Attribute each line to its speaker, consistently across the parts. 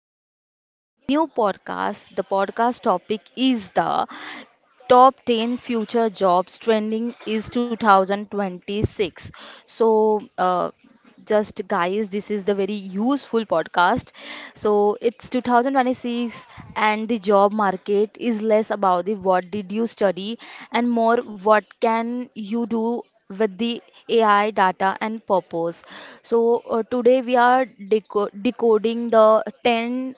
Speaker 1: again a new podcast. The podcast topic is the Top 10 future jobs trending is 2026. So, just guys, this is the very useful podcast. So, it's 2026, and the job market is less about the what did you study and more what can you do with the AI data and purpose. So, today we are decoding the 10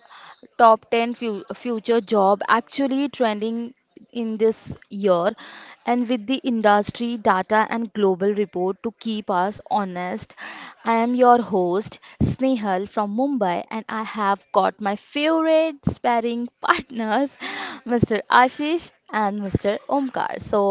Speaker 1: top 10 future job actually trending in this year and with the industry data and global report to keep us honest. I am your host, Snehal from Mumbai, and I have got my favorite sparring partners Mr. Ashish and Mr. Omkar. So,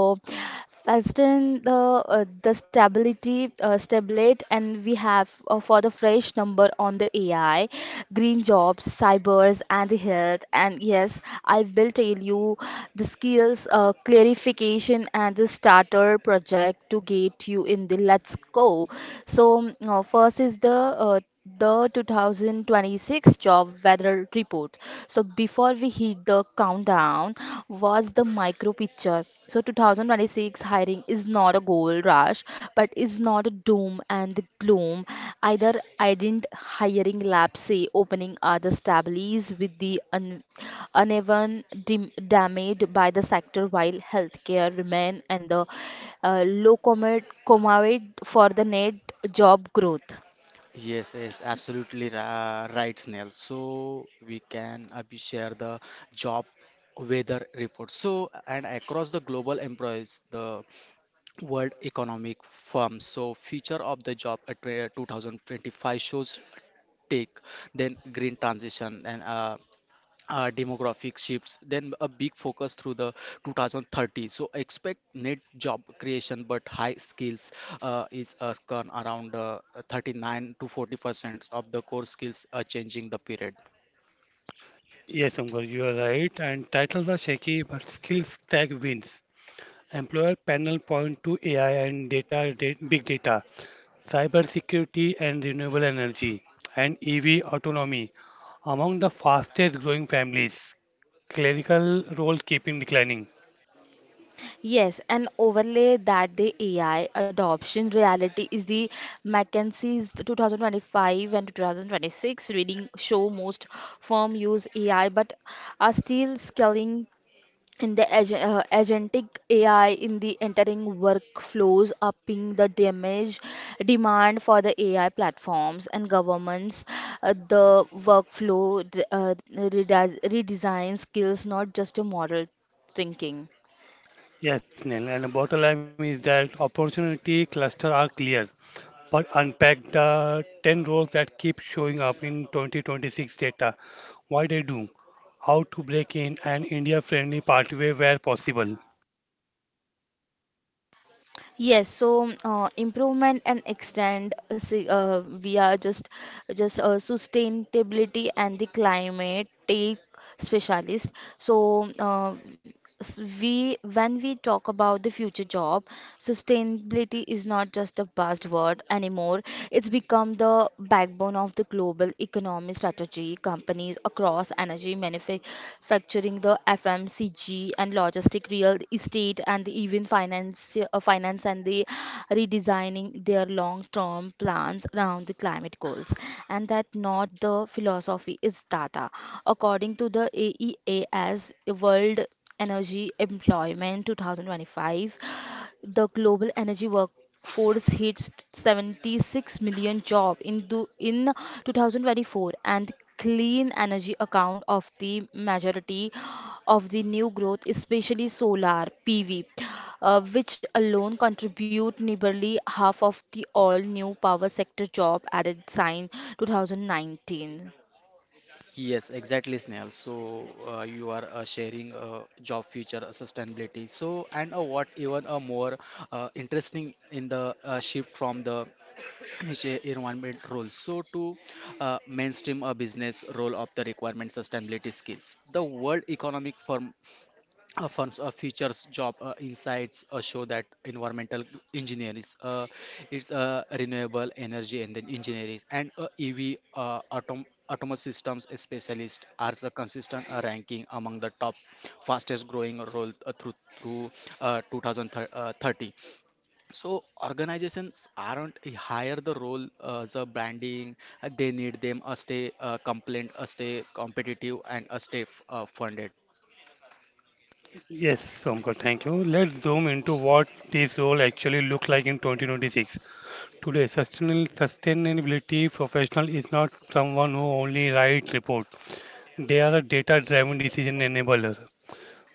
Speaker 1: fasten the stability, stablet, and we have for the fresh number on the AI, green jobs, cybers and the health. And yes, I will tell you the skills, clarification, and the starter project to get you in the. Let's go. So, first is the 2026 job weather report. So before we hit the countdown was the micro picture. So 2026 hiring is not a gold rush, but is not a doom and gloom either. Ident hiring labs say opening are the stabilities with the uneven damaged by the sector, while healthcare remain and the locomotive for the net job growth.
Speaker 2: Yes, absolutely right, Snail. So we can be share the job weather report. So and across the global employees, the World Economic Forum. So future of the job at 2025 shows tech, then green transition and demographic shifts, then a big focus through the 2030. So expect net job creation, but high skills is gone around 39 to 40% of the core skills are changing the period.
Speaker 3: Yes, Umgar, you are right. And titles are shaky, but skills tag wins. Employer panel point to AI and data, big data, cybersecurity and renewable energy, and EV autonomy among the fastest growing families. Clerical role keeping declining.
Speaker 1: Yes, and overlay that the AI adoption reality is the McKinsey's 2025 and 2026 reading show most firm use AI, but are still scaling in the agentic AI in the entering workflows, upping the damage demand for the AI platforms and governments. The workflow redesign skills, not just a model thinking.
Speaker 3: Yes, Neil. And the bottom line is that opportunity cluster are clear, but unpack the 10 roles that keep showing up in 2026 data, why they do, how to break in an India-friendly pathway where possible.
Speaker 1: Yes, so, improvement and extend. See, we are just sustainability and the climate take specialist. So, s- we when we talk about the future job, sustainability is not just a buzzword anymore. It's become the backbone of the global economy strategy. Companies across energy, manufacturing, the FMCG and logistic, real estate, and even finance and the redesigning their long-term plans around the climate goals. And that not the philosophy is data. According to the AEA's World Energy Employment 2025, the global energy work force hits 76 million job in 2024, and clean energy account of the majority of the new growth, especially solar PV, which alone contribute nearly half of the all new power sector job added since 2019.
Speaker 2: Yes, exactly, Snail. So you are sharing job future sustainability. So and what even more interesting in the shift from the is a environment role so to mainstream a business role of the requirement sustainability skills the world economic forum funds features job insights show that environmental engineering it's renewable energy and then engineering and ev atom autonomous systems specialists are the consistent ranking among the top fastest growing role through 2030. So organizations aren't hire the role the branding they need them a stay compliant a stay competitive and a stay funded.
Speaker 3: Yes, Somka, thank you. Let's zoom into what this role actually look like in 2026. Today, sustainable sustainability professional is not someone who only writes report. They are a data-driven decision enabler.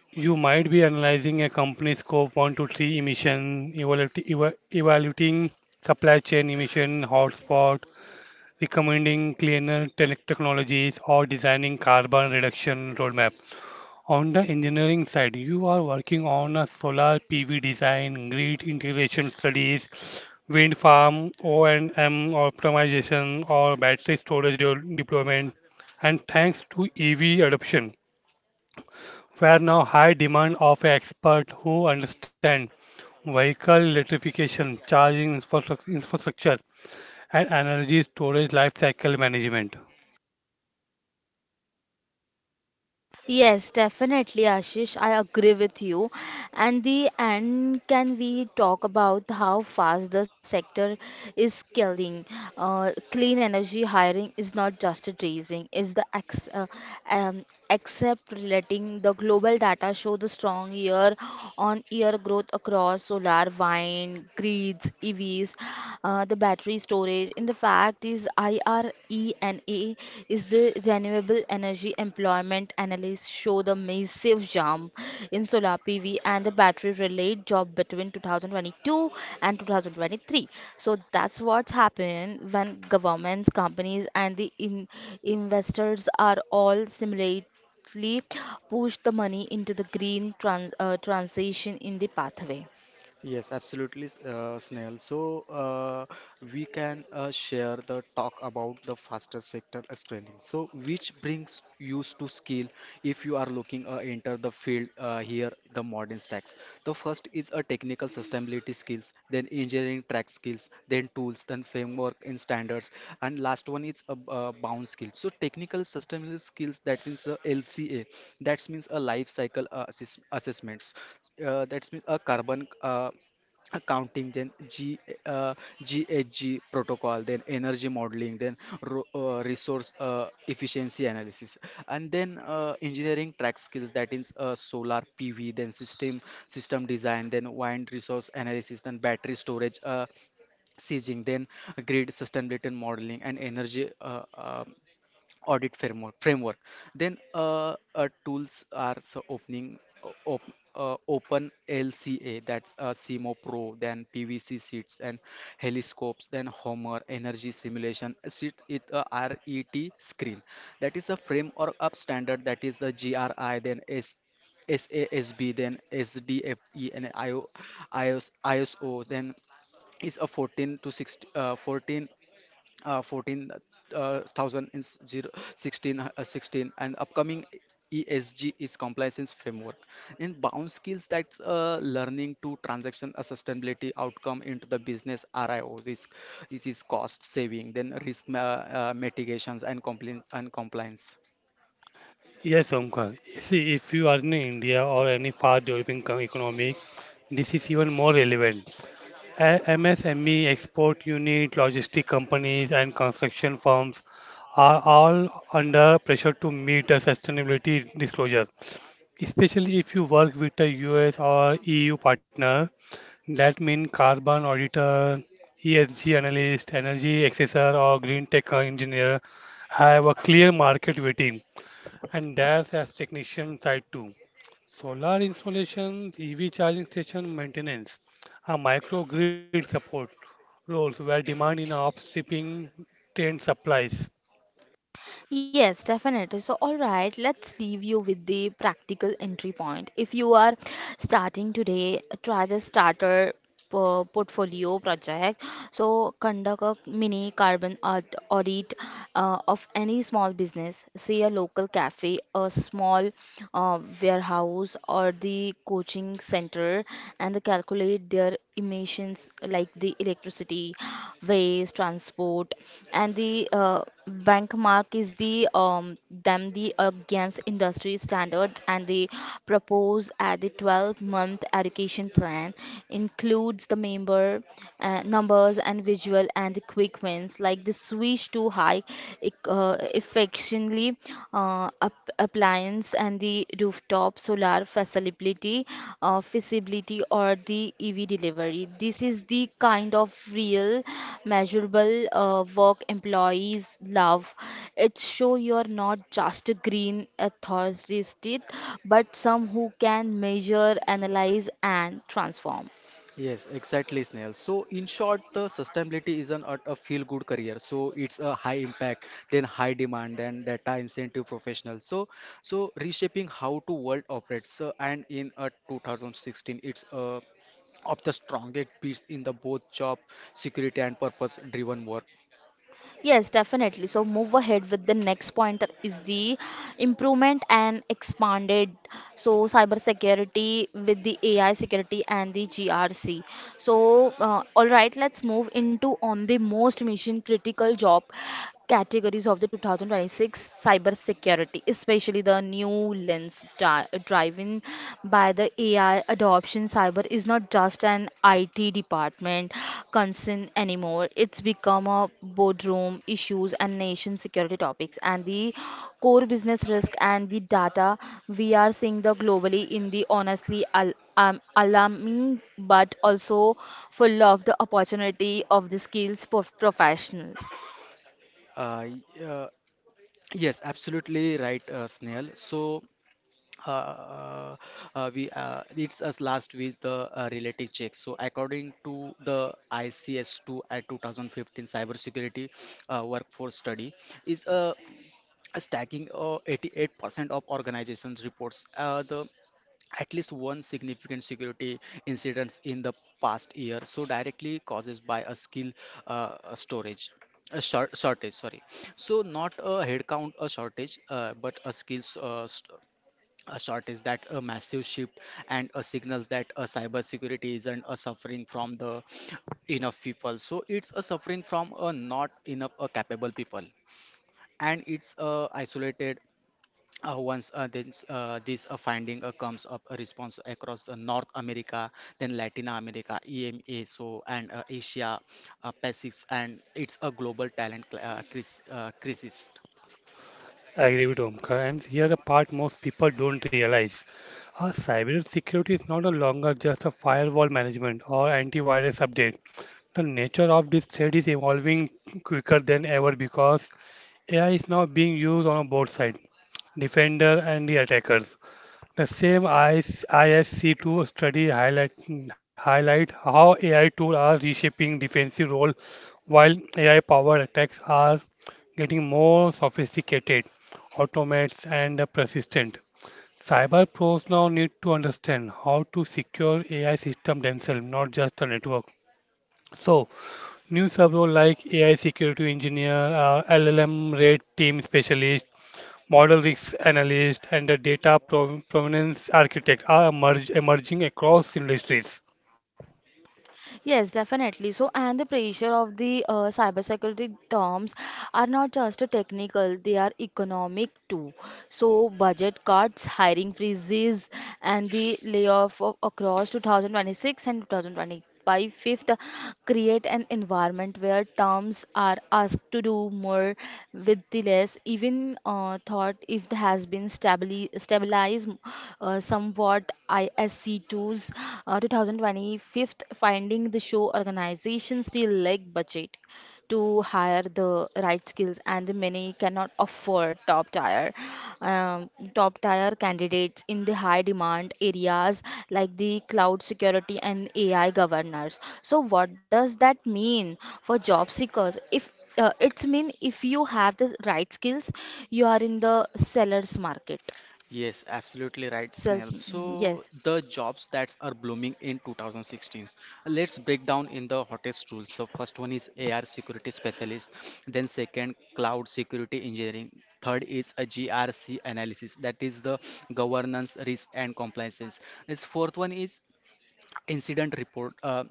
Speaker 3: You might be analyzing a company's scope 1 to 3 emission, evaluating supply chain emission hotspot, recommending cleaner technologies, or designing carbon reduction roadmap. On the engineering side, you are working on a solar PV design, grid integration studies, wind farm, O&M optimization, or battery storage deployment. And thanks to EV adoption, were now high demand of experts who understand vehicle electrification, charging infrastructure, and energy storage life cycle management.
Speaker 1: Yes, definitely, Ashish. I agree with you. And the end, can we talk about how fast the sector is scaling? Clean energy hiring is not just raising; it's the except relating the global data show the strong year-on-year growth across solar, wind, grids, EVs, the battery storage. In the fact is IRENA is the renewable energy employment analysis show the massive jump in solar PV and the battery related job between 2022 and 2023. So that's what's happened when governments, companies, and the investors are all simultaneously push the money into the green transition in the pathway.
Speaker 2: Yes, absolutely, Snail. So we can share the talk about the faster sector as training. So which brings you to skill if you are looking enter the field here the modern stacks. The first is a technical sustainability skills, then engineering track skills, then tools, then framework and standards, and last one is a, bound skills. So technical sustainability skills that means the LCA, that means a life cycle assessments, that means a carbon. Accounting then G, uh, ghg protocol then energy modeling then resource efficiency analysis and then engineering track skills that is solar pv then system design then wind resource analysis then battery storage seizing then grid sustainability modeling and energy audit framework then tools are so open lca that's cmo pro then pvc sheets and heliscopes then homer energy simulation sheet it ret screen that is a frame or up standard that is the gri then s SASB, then SDFE and IOS, ISO, then is a 14 to 16, 14 thousand in zero, 16, 16 and upcoming ESG is compliance framework in bound skills that's learning to transaction sustainability outcome into the business RIO. This is cost saving then risk mitigations and compliance.
Speaker 3: Yes, Omkar. See, if you are in India or any fast developing economy, this is even more relevant. MSME, export unit, logistic companies, and construction firms are all under pressure to meet the sustainability disclosure, especially if you work with a US or EU partner. That means carbon auditor, ESG analyst, energy assessor, or green tech engineer have a clear market waiting, and there's as technician side too. Solar installations, EV charging station maintenance, a microgrid support roles where demand in outstripping train supplies.
Speaker 1: Yes, definitely. So, all right, let's leave you with the practical entry point. If you are starting today, try the starter portfolio project. So, conduct a mini carbon audit of any small business, say a local cafe, a small warehouse, or the coaching center, and the calculate their emissions like the electricity, waste, transport, and the benchmark is the them the against industry standards and the propose at the 12-month education plan includes the member numbers and visual and the quick wins like the switch to high affectionately appliance and the rooftop solar facility, feasibility, or the EV delivery. This is the kind of real, measurable work employees love. It shows you're not just a green enthusiast, but some who can measure, analyze, and transform.
Speaker 2: Yes, exactly, Snail. So, in short, the sustainability isn't a feel-good career. So, it's a high impact, then high demand, then data incentive professional. So, so reshaping how to world operates. So, and in 2016, it's of the strongest piece in the both job security and purpose-driven work.
Speaker 1: Yes, definitely. So move ahead with the next point that is the improvement and expanded. So cybersecurity with the AI security and the GRC. So, all right, let's move into on the most mission critical job categories of the 2026 cybersecurity, especially the new lens driven by the AI adoption. Cyber is not just an IT department concern anymore. It's become a boardroom issues and nation security topics and the core business risk and the data we are seeing the globally in the honestly alarming but also full of the opportunity of the skills professional.
Speaker 2: Uh, y- uh, yes, absolutely right, Snail. So. uh, uh, we it's us last with the relative checks. So according to the ICS2 at 2015 cybersecurity workforce study is a stacking 88% of organizations reports the at least one significant security incidents in the past year, so directly causes by a skill storage, a shortage, sorry. So not a headcount a shortage but a skills a short is that a massive shift and a signals that a cybersecurity isn't a suffering from the enough people, so it's a suffering from a not enough a capable people, and it's isolated once this finding comes up a response across north america then latin america ema so and asia pacific, and it's a global talent crisis.
Speaker 3: I agree with Omkar, and here the part most people don't realize. Our cyber security is not a longer just a firewall management or antivirus update. The nature of this threat is evolving quicker than ever because AI is now being used on both sides, defender and the attackers. The same IS ISC2 study highlight how AI tools are reshaping defensive role while AI-powered attacks are getting more sophisticated, automates, and persistent. Cyber pros now need to understand how to secure AI system themselves, not just the network. So, new sub-role like AI security engineer, LLM rate team specialist, model risk analyst, and a data provenance architect are emerging across industries.
Speaker 1: Yes, definitely. So, and the pressure of the cybersecurity terms are not just technical, they are economic too. So, budget cuts, hiring freezes, and the layoff of across 2026 and 2025 create an environment where terms are asked to do more with the less, even thought if it has been stabilized somewhat. ISC2's 2025 finding the show organization still lack budget to hire the right skills, and the many cannot afford top tier candidates in the high demand areas like the cloud security and AI governance. So what does that mean for job seekers? If, it's mean, if you have the right skills, you are in the seller's market.
Speaker 2: Yes, absolutely right, Snail.
Speaker 1: Sales,
Speaker 2: So
Speaker 1: yes.
Speaker 2: the jobs that are blooming in 2016. Let's break down in the hottest rules. So first one is AR security specialist, then second cloud security engineering, third is a GRC analysis, that is the governance, risk and compliances. This fourth one is incident report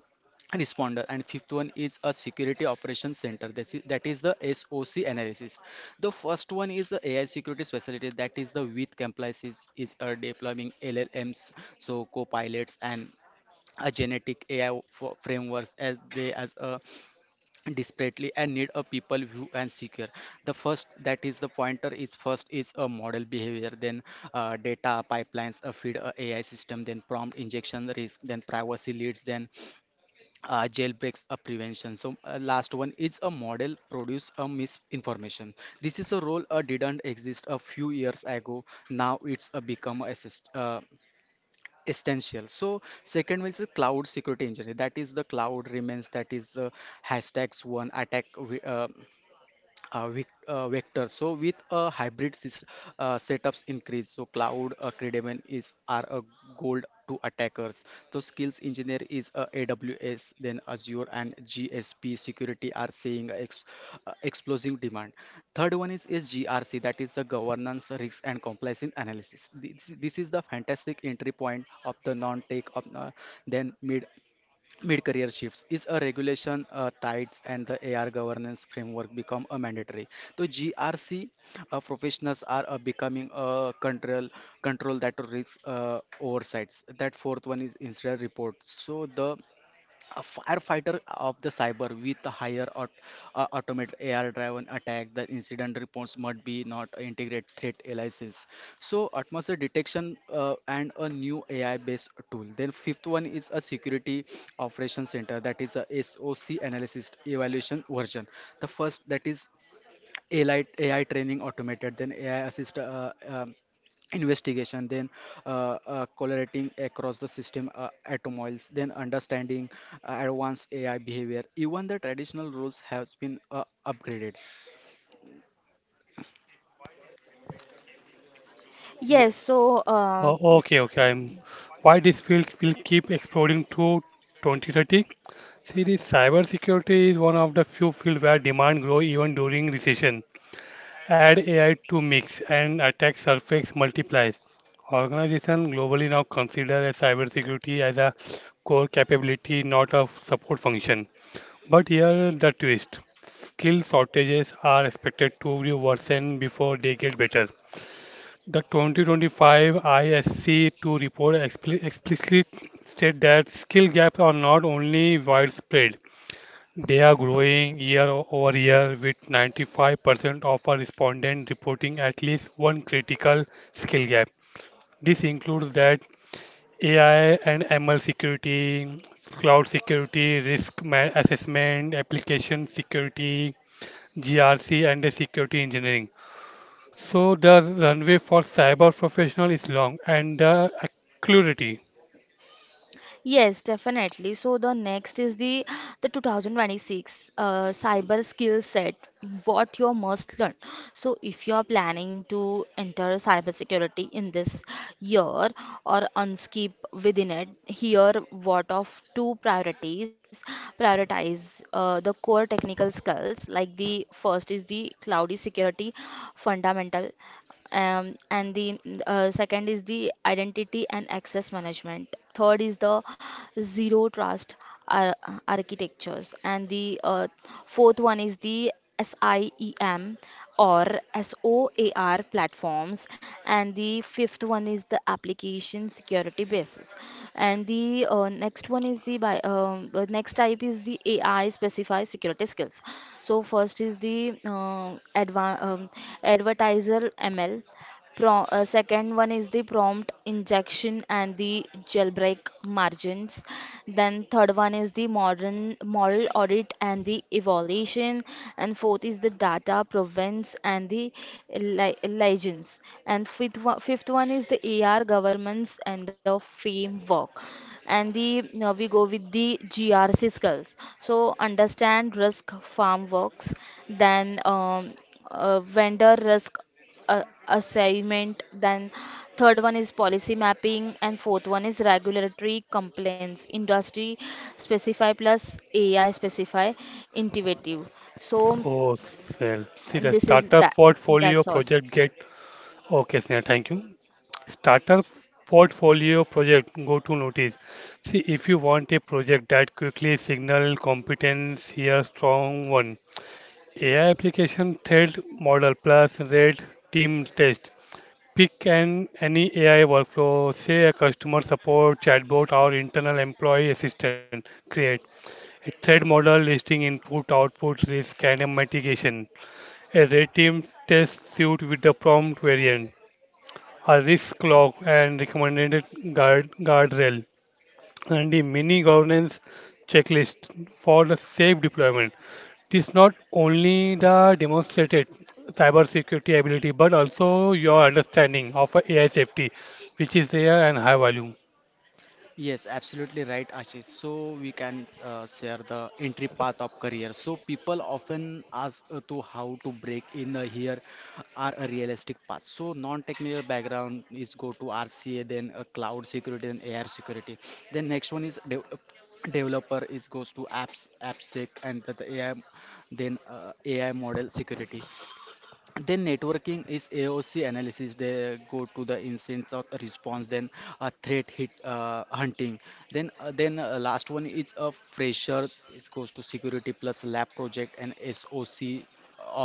Speaker 2: responder, and fifth one is a security operations center, that is the soc analysis. The first one is the ai security specialty, that is the with compliance is deploying llms desperately and need a people who and secure. The first that is the pointer is first is a model behavior, then data pipelines a feed a ai system, then prompt injection risk, then privacy leads, then jailbreaks a prevention, so last one is a model produce a misinformation. This is a role didn't exist a few years ago, now it's become a assist, essential. So second one is the cloud security engineering, that is the cloud remains, that is the hashtags one attack uh, vector. So with a hybrid setups increase, so cloud credible is are a gold to attackers. So skills engineer is a AWS, then Azure and GSP security are seeing explosive demand. Third one is GRC, that is the governance, risk and compliance analysis. This is the fantastic entry point of the non-tech of then mid-career shifts is a regulation tides and the ar governance framework become a mandatory, so grc professionals are becoming a control that risks oversights. That fourth one is incident reports, so the a firefighter of the cyber with a higher automated AR-driven attack, the incident response must be not integrate threat analysis. So atmosphere detection and a new AI-based tool. Then fifth one is a security operation center, that is a SOC analysis evaluation version. The first that is AI, training automated, then AI assist investigation, then collaborating across the system atomiles, then understanding advanced ai behavior, even the traditional rules has been upgraded.
Speaker 1: Yes,
Speaker 2: Yes.
Speaker 1: so,
Speaker 3: Oh, okay, okay. Why this field will keep exploding to 2030? See, this cybersecurity is one of the few fields where demand grow even during recession. Add AI to mix and attack surface multiplies. Organizations globally now consider a cybersecurity as a core capability, not a support function. But here the twist. Skill shortages are expected to worsen before they get better. The 2025 ISC2 report explicitly state that skill gaps are not only widespread, they are growing year over year, with 95% of our respondents reporting at least one critical skill gap. This includes that AI and ML security, cloud security, assessment, application security, GRC, and the security engineering. So the runway for cyber professional is long, and the accuracy.
Speaker 1: yes, definitely. So the next is the 2026 cyber skill set, what you must learn. So if you are planning to enter cybersecurity in this year or unskip within it, here what of two priorities, prioritize, the core technical skills, like the first is the cloud security fundamental, and the second is the identity and access management, third is the zero trust ar- architectures, and the fourth one is the SIEM or SOAR platforms, and the fifth one is the application security basis, and the next type is the ai specified security skills. So first is the adva- um, advertiser ml Pro. Second one is the prompt injection and the jailbreak margins. Then third one is the modern moral audit and the evaluation. And fourth is the data provenance and the legends. And fifth one is the AR governments and the framework. And the now we go with the GRC skills. So understand risk farm works. Then vendor risk, uh, assignment. Then third one is policy mapping, and fourth one is regulatory complaints, industry specify plus ai specify intuitive. So,
Speaker 3: Oh, Snell. See
Speaker 1: and
Speaker 3: the
Speaker 1: this is
Speaker 3: startup
Speaker 1: that,
Speaker 3: portfolio
Speaker 1: that's all.
Speaker 3: project get. Okay, Snell. Thank you. Starter portfolio project go to notice. See if you want a project that quickly signal competence, here strong one. AI application thread model plus red team test. Pick an any AI workflow, say a customer support chatbot or internal employee assistant. Create a thread model listing input, outputs, risk, and mitigation. A red team test suit with the prompt variant, a risk clock and recommended guardrail, and the mini governance checklist for the safe deployment. This not only the demonstrated cybersecurity ability but also your understanding of AI safety, which is rare and high value.
Speaker 2: Yes, absolutely right, Ashish. So we can share the entry path of career. So people often ask to how to break in here are a realistic path. So non-technical background is go to RCA, then cloud security, then AR security. Then next one is de developer is goes to apps, appsec, and the AI, then AI model security. Then networking is AOC analysis. They go to the incidents of response, then threat hit hunting. Then last one is a fresher. It goes to security plus lab project and SOC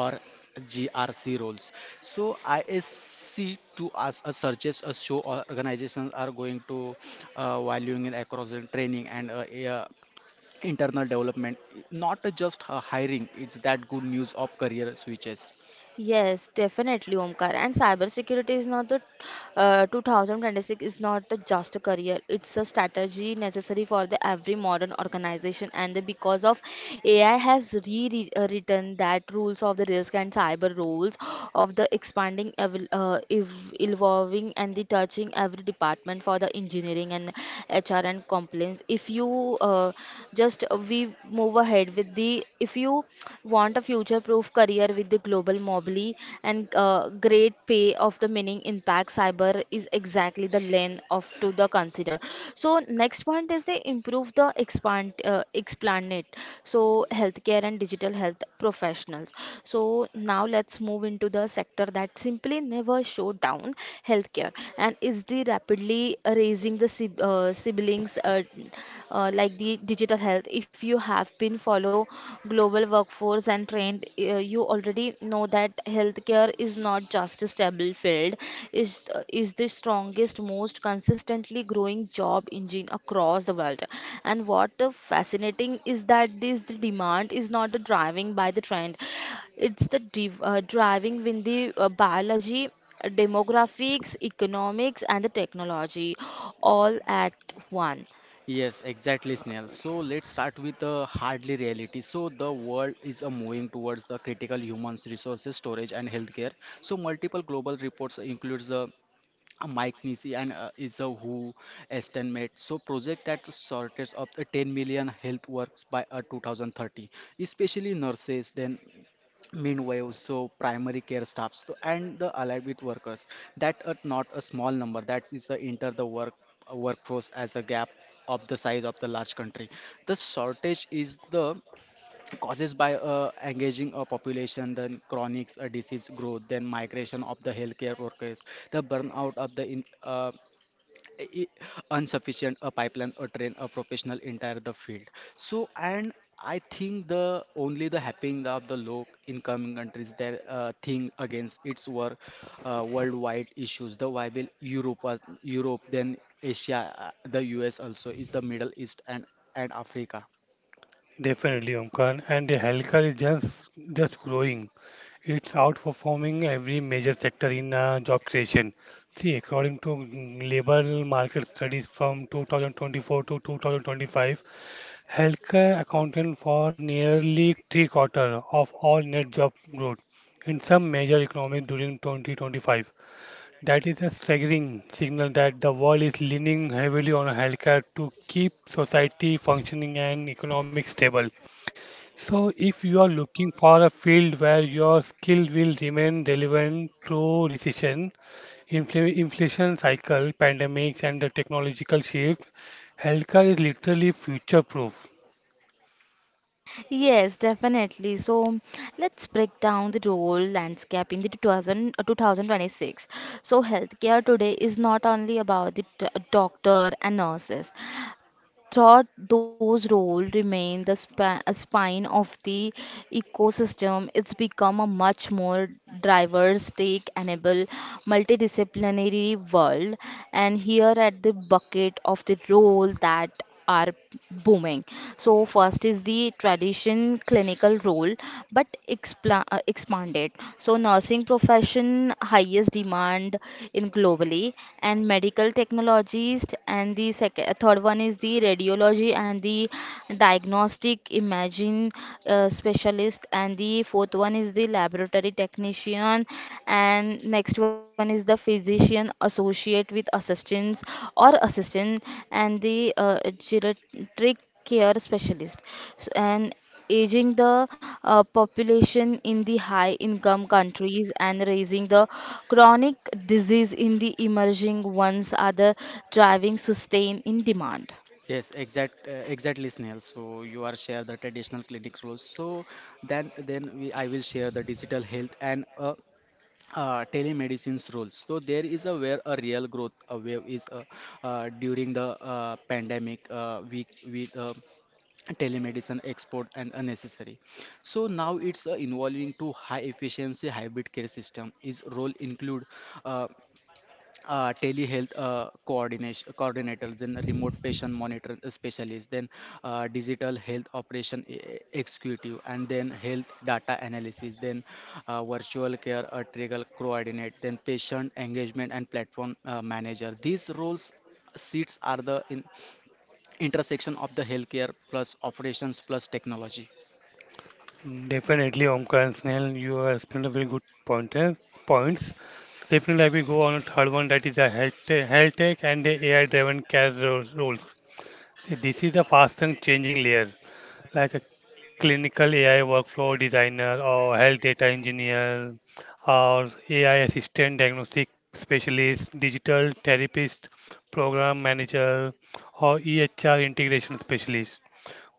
Speaker 2: or GRC roles. So ISC to us searches a show organizations are going to valuing it across the training and uh, internal development, not just hiring. It's that good news of career switches.
Speaker 1: Yes, definitely, Omkar. And cybersecurity is not the 2026 is not the just a career. It's a strategy necessary for the every modern organization. And the, because of AI has rewritten that rules of the risk, and cyber rules of the expanding, evolving, and the touching every department for the engineering and HR and compliance. If you just We move ahead with the, if you want a future-proof career with the global mobility and great pay of the meaning impact, cyber is exactly the lane of to the consider. So next point is, they improve the expand it. So healthcare and digital health professionals. So now let's move into the sector that simply never showed down, healthcare, and is the rapidly raising the siblings, like the digital health. If you have been follow global workforce and trained, you already know that healthcare is not just a stable field. Is is the strongest, most consistently growing job engine across the world. And what fascinating is that this demand is not the driving by the trend. It's the driving with the biology, demographics, economics, and the technology all at one.
Speaker 2: Yes, exactly, Snail. So let's start with the hardly reality. So the world is a moving towards the critical humans resources storage and healthcare. So multiple global reports includes the Mike Nisi and is a WHO estimate. So project that sorted up the 10 million health works by 2030, especially nurses, then midwives, so primary care staffs, so, and the allied with workers. That are not a small number. That is the enter the workforce as a gap of the size of the large country. The shortage is the causes by engaging a population, then chronic disease growth, then migration of the healthcare workers, the burnout of the i- insufficient a pipeline or train a professional entire the field. So and I think the only the happening of the low income countries their thing against its were worldwide issues. The while Europe then Asia, the US also is the Middle East and Africa.
Speaker 3: Definitely, Omkar, and the healthcare is just growing. It's outperforming every major sector in job creation. See, according to labor market studies from 2024 to 2025, healthcare accounted for nearly three quarter of all net job growth in some major economies during 2025. That is a staggering signal that the world is leaning heavily on healthcare to keep society functioning and economic stable. So, if you are looking for a field where your skill will remain relevant through recession, inflation cycle, pandemics, and the technological shift, healthcare is literally future proof.
Speaker 1: Yes, definitely. So let's break down the role landscape in the 2026. So healthcare today is not only about the doctor and nurses, thought those roles remain the spine of the ecosystem. It's become a much more diverse tech enable multidisciplinary world, and here at the bucket of the role that are booming. So first is the tradition clinical role but expanded. So nursing profession highest demand in globally, and medical technologist, and the second third one is the radiology and the diagnostic imaging specialist, and the fourth one is the laboratory technician. And next one is the physician associate with assistant. And the geriatric care specialist. And aging the population in the high income countries and raising the chronic disease in the emerging ones are the driving sustain in demand.
Speaker 2: Exactly, Snail. So you are share the traditional clinic roles. So I will share the digital health and telemedicine's roles. So there is a where a real growth wave is during the pandemic. We Telemedicine export and unnecessary, so now it's involving to high efficiency hybrid care system. Its role include uh, telehealth coordination coordinators, then remote patient monitor specialists, then digital health operation executive, and then health data analysis, then virtual care trigger coordinate, then patient engagement and platform manager. These roles seats are the in intersection of the healthcare plus operations plus technology.
Speaker 3: Definitely, Omkar and Snell, you have explained a very good pointer points. So definitely, I will go on a third one that is a health tech and the AI driven care roles. So, this is the fast and changing layer like a clinical AI workflow designer or health data engineer or AI assistant diagnostic specialist, digital therapist, program manager, or EHR integration specialist.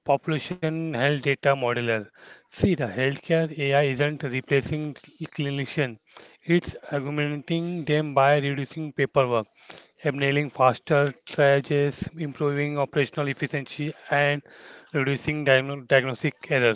Speaker 3: Population health data modeler. See, the healthcare AI isn't replacing clinician. It's augmenting them by reducing paperwork, enabling faster triages, improving operational efficiency, and reducing diagnostic error.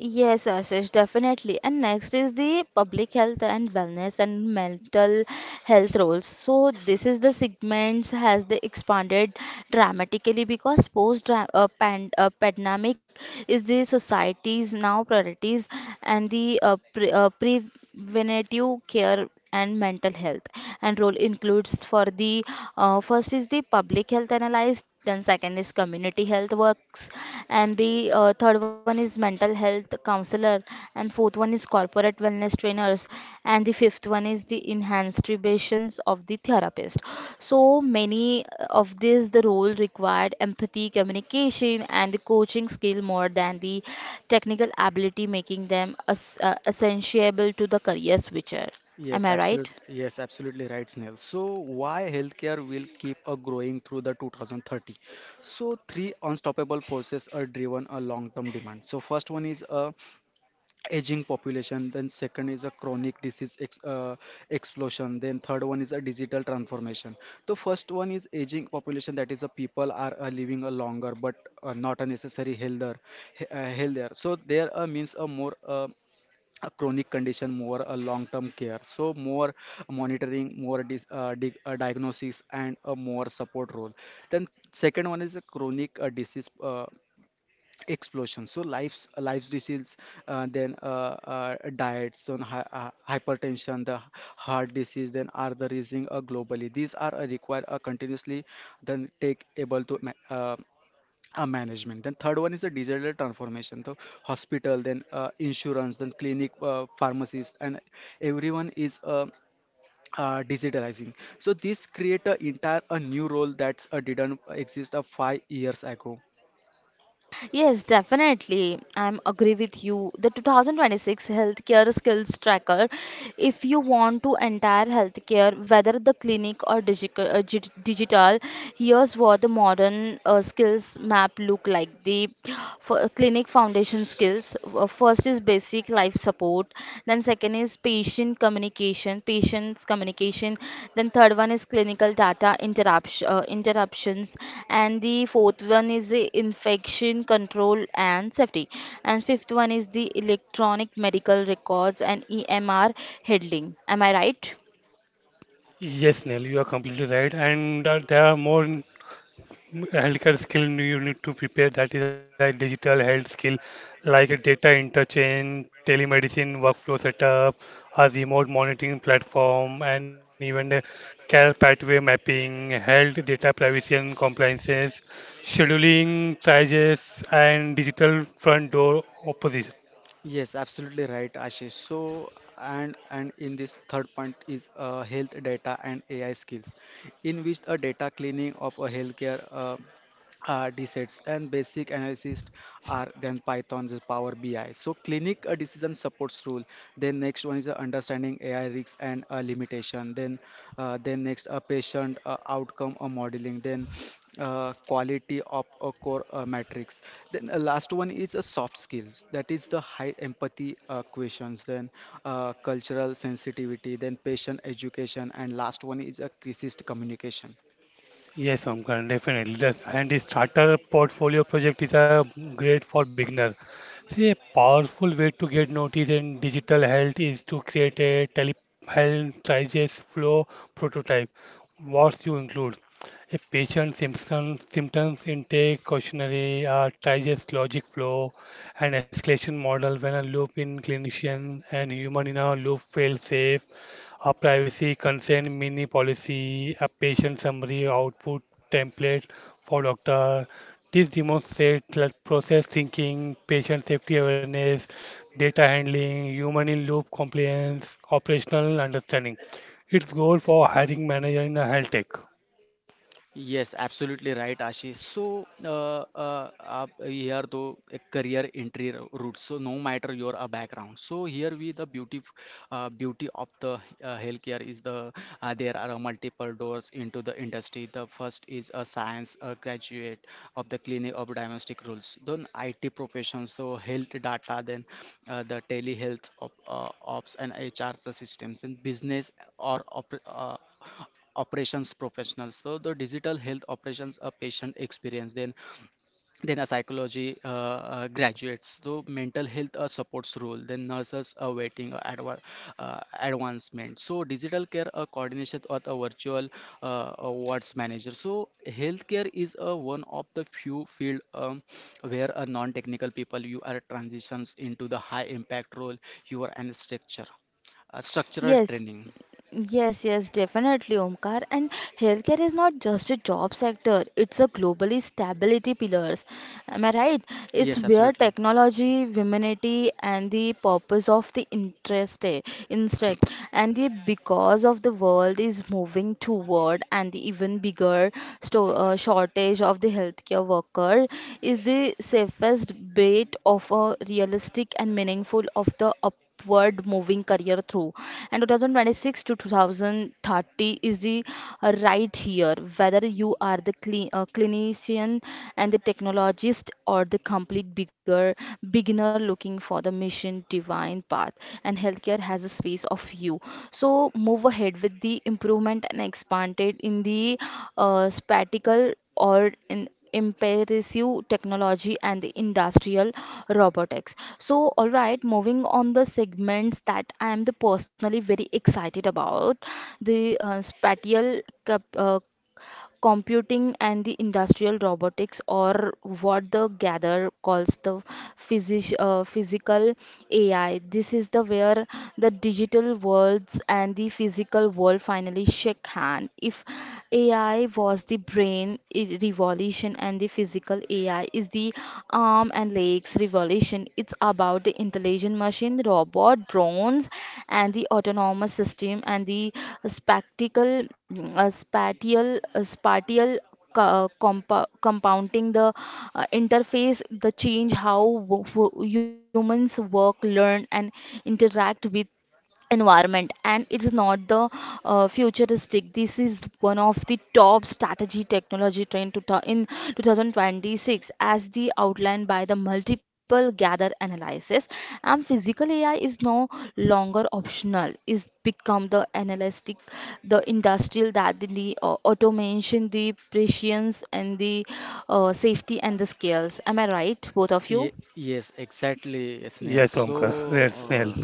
Speaker 1: Yes, Ashish, definitely. And next is the public health and wellness and mental health roles. So this is the segments has the expanded dramatically because post pandemic is the society's now priorities and the preventative care and mental health and role includes for the first is the public health analysis, then second is community health works, and the third one is mental health counselor, and fourth one is corporate wellness trainers, and the fifth one is the enhanced revisions of the therapist. So many of these the role required empathy, communication, and the coaching skill more than the technical ability, making them as, essential to the career switcher. Am
Speaker 2: Yes,
Speaker 1: I right?
Speaker 2: absolutely. Yes, absolutely right, Snail. So, why healthcare will keep a growing through the 2030? So, three unstoppable forces are driven a long-term demand. So, first one is a aging population, then second is a chronic disease explosion, then third one is a digital transformation. The first one is aging population, that is the people are living a longer but not a necessary healthier, so there means a more a chronic condition, more a long term care, so more monitoring, more diagnosis and a more support role. Then second one is a chronic disease explosion, so life's disease, then diets on hypertension, the heart disease, then are the rising globally. These are require a continuously then take able to a management. Then third one is a digital transformation, the hospital, then insurance, then clinic, pharmacist, and everyone is digitalizing, so this create a entire a new role that's didn't exist 5 years ago.
Speaker 1: Yes, definitely. I'm agree with you. The 2026 healthcare skills tracker, if you want to entire healthcare, whether the clinic or digital, digital, here's what the modern skills map look like. The for clinic foundation skills. First is basic life support, then second is patients communication, then third one is clinical data interruptions, and the fourth one is the infection control and safety, and fifth one is the electronic medical records and EMR handling. Am I right?
Speaker 3: Yes, Neil, you are completely right. And there are more healthcare skill you need to prepare, that is a digital health skill like a data interchange, telemedicine workflow setup, a remote monitoring platform and even a care pathway mapping, health data privacy and compliances, scheduling charges and digital front door opposition.
Speaker 2: Yes, absolutely right, Ashish. So, and in this third point is health data and AI skills, in which a data cleaning of a healthcare DSETs and basic analysis are then Python's Power BI. So, clinic a decision supports rule. Then next one is understanding AI risks and limitation. Then next a patient outcome or modeling, then quality of a core matrix, then last one is a soft skills, that is the high empathy questions, then cultural sensitivity, then patient education, and last one is a crisis communication.
Speaker 3: Yes, Omkar, definitely. Yes, and the starter portfolio project is a great for beginner. See, a powerful way to get noticed in digital health is to create a telehealth triage flow prototype. What you include? A patient symptom symptoms intake questionnaire, a triage logic flow, an escalation model when a loop in clinician and human in a loop fail safe, a privacy consent mini policy, a patient summary output template for doctor. This demonstrates like process thinking, patient safety awareness, data handling, human in loop compliance, operational understanding. Its goal for hiring manager in a health tech.
Speaker 2: Yes, absolutely right, Ashish. So, आप here तो एक career entry route. So, no matter your background. So, here we the beauty of the healthcare is the there are multiple doors into the industry. The first is a science graduate of the clinic of diagnostic rules. Then IT professions, so health data, then the telehealth of ops and HR systems, then business or operations professionals, so the digital health operations, a patient experience, then a psychology graduates, so mental health supports role, then nurses awaiting advancement, so digital care coordination with a virtual wards manager. So healthcare is one of the few field, where a non-technical people you are transitions into the high impact role, you are and structure structural
Speaker 1: Yes.
Speaker 2: training.
Speaker 1: Yes, yes, definitely, Omkar. And healthcare is not just a job sector, it's a globally stability pillars. Am I right? It's
Speaker 2: Yes,
Speaker 1: where
Speaker 2: absolutely.
Speaker 1: technology, humanity, and the purpose of the interest, instruct, and the because of the world is moving toward and the even bigger shortage of the healthcare worker is the safest bet of a realistic and meaningful of the upward moving career through. And 2026 to 2030 is the right here, whether you are the clinician and the technologist or the complete bigger beginner looking for the mission divine path, and healthcare has a space of you. So move ahead with the improvement and expanded in the spatial or in impressive technology and the industrial robotics. So, all right, moving on the segments that I am the personally very excited about the spatial computing and the industrial robotics, or what the gather calls the physical AI. This is the where the digital worlds and the physical world finally shake hand. If AI was the brain revolution, and the physical AI is the farm and lakes revolution. It's about the intelligent machine, robot, drones, and the autonomous system, and the spectacle, mm, uh, spatial, spatial compounding the interface the change how humans work, learn, and interact with environment. And it's not the futuristic. This is one of the top strategy technology trend in 2026 as the outlined by the multiple gather analysis. And physical AI is no longer optional, is become the analytic the industrial that the automation, the prescience, and the safety and the skills. Am I right, both of you?
Speaker 2: Ye yes, exactly, Snail.
Speaker 3: Yes,
Speaker 2: So,
Speaker 3: Omkar. Yes, Snell.
Speaker 2: uh,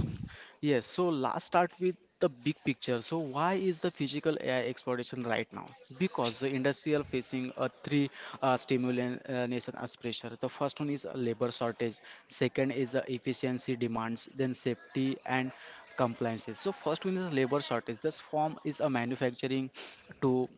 Speaker 2: yes, so last start with the big picture. So, why is the physical AI exploitation right now? Because the industry are facing a three stimulation as pressure. The first one is a labor shortage, second is the efficiency demands, then safety and compliances. So, first one is labor shortage. This form is a manufacturing to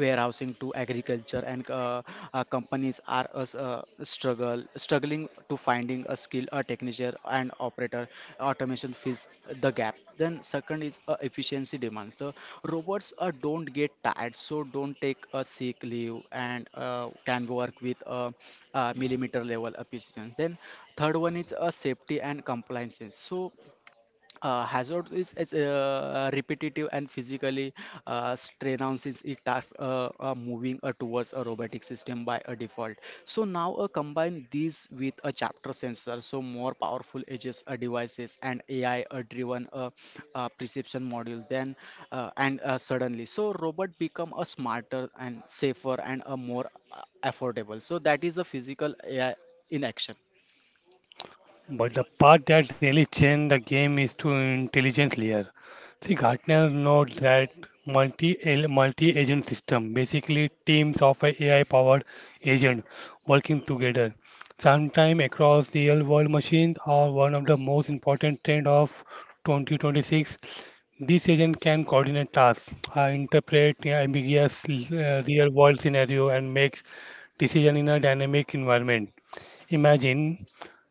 Speaker 2: warehousing to agriculture, and companies are a s- struggle struggling to finding a skill a technician and operator. Automation fills the gap. Then second is efficiency demands, so robots don't get tired, so don't take a sick leave and can work with millimeter level of precision. Then third one is safety and compliance, so Hazard is, as repetitive and physically strenuous. Is It tasks moving towards a robotic system by a default. So now combine these with a chapter sensor, so more powerful edges devices and AI-driven uh, driven uh, uh, perception module. Then and suddenly, so robot become a smarter and safer and a more affordable. So that is a physical AI in action.
Speaker 3: But the part that really changed the game is to intelligence layer. See, Gartner notes that multi multi agent system, basically teams of AI powered agent working together, sometime across real world machines, are one of the most important trends of 2026. This agent can coordinate tasks, interpret ambiguous real world scenario, and makes decision in a dynamic environment. Imagine,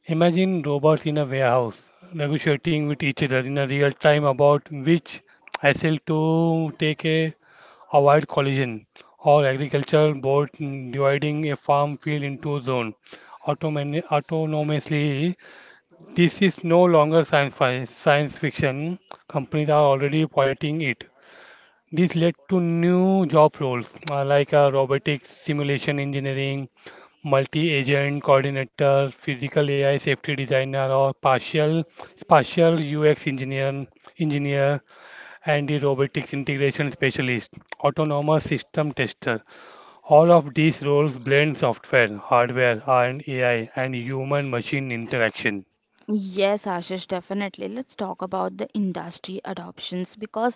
Speaker 3: imagine robots in a warehouse negotiating with each other in a real time about which hassle to take a avoid collision, or agricultural board dividing a farm field into zone autonomously. This is no longer science, science fiction. Companies are already piloting it. This led to new job roles like robotics, simulation engineering, multi-agent coordinator, physical AI safety designer, or partial spatial UX engineer, and the robotics integration specialist, autonomous system tester. All of these roles blend software, hardware, and AI, and human-machine interaction.
Speaker 1: Yes, Ashish, definitely. Let's talk about the industry adoptions, because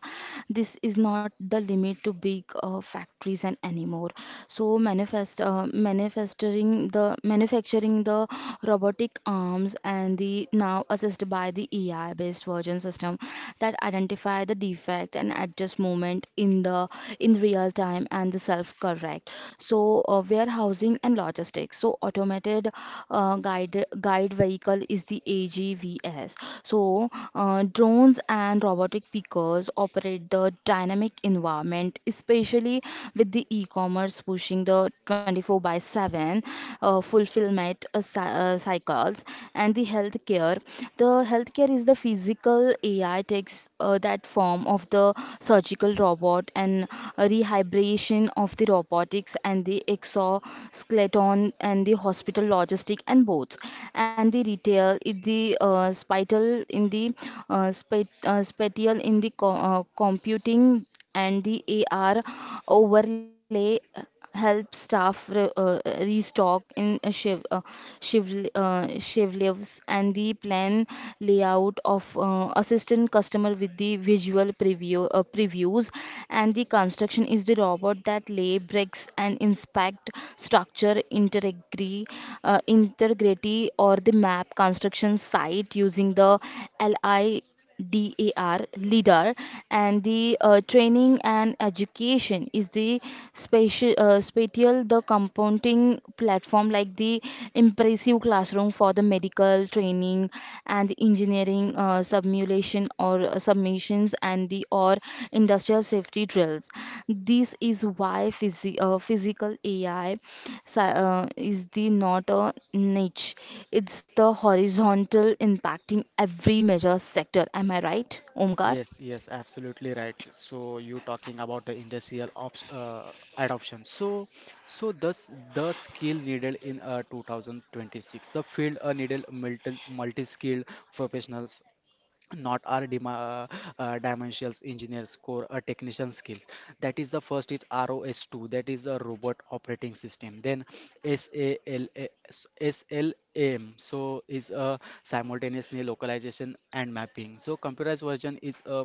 Speaker 1: this is not the limit to big factories and anymore. So manifest, manufacturing the robotic arms and the now assisted by the AI-based version system that identify the defect and adjust movement in real time, and the self-correct. So warehousing and logistics, so automated guide vehicle is the AGVS. So drones and robotic pickers operate the dynamic environment, especially with the e-commerce pushing the 24 by 7 fulfillment cycles. And the healthcare, the healthcare is the physical AI techs that art form of the surgical robot, and a rehybridization of the robotics and the exoskeleton and the hospital logistic and boats. And the retail in the spital in the spat, spatial in the co- computing and the AR overlay helps staff restock in shiv lives, and the plan layout of assistant customer with the visual previews. And the construction is the robot that lay bricks and inspect structure integrity, or the map construction site using the li LiDAR leader. And the training and education is the spatial the compounding platform like the impressive classroom for the medical training, and engineering simulation or submissions, and the or industrial safety drills. This is why physical AI is the not a niche. It's the horizontal impacting every major sector. Am I right, Omkar?
Speaker 2: Yes, yes, absolutely right. So you talking about the industrial ops, adoption. So, so thus the skill needed in 2026, the field needed multi-skilled professionals, not our dimensionals engineers core technician skills, that is the first is ros2, that is a robot operating system. Then SALA, so is a simultaneously localization and mapping. So computerized version is a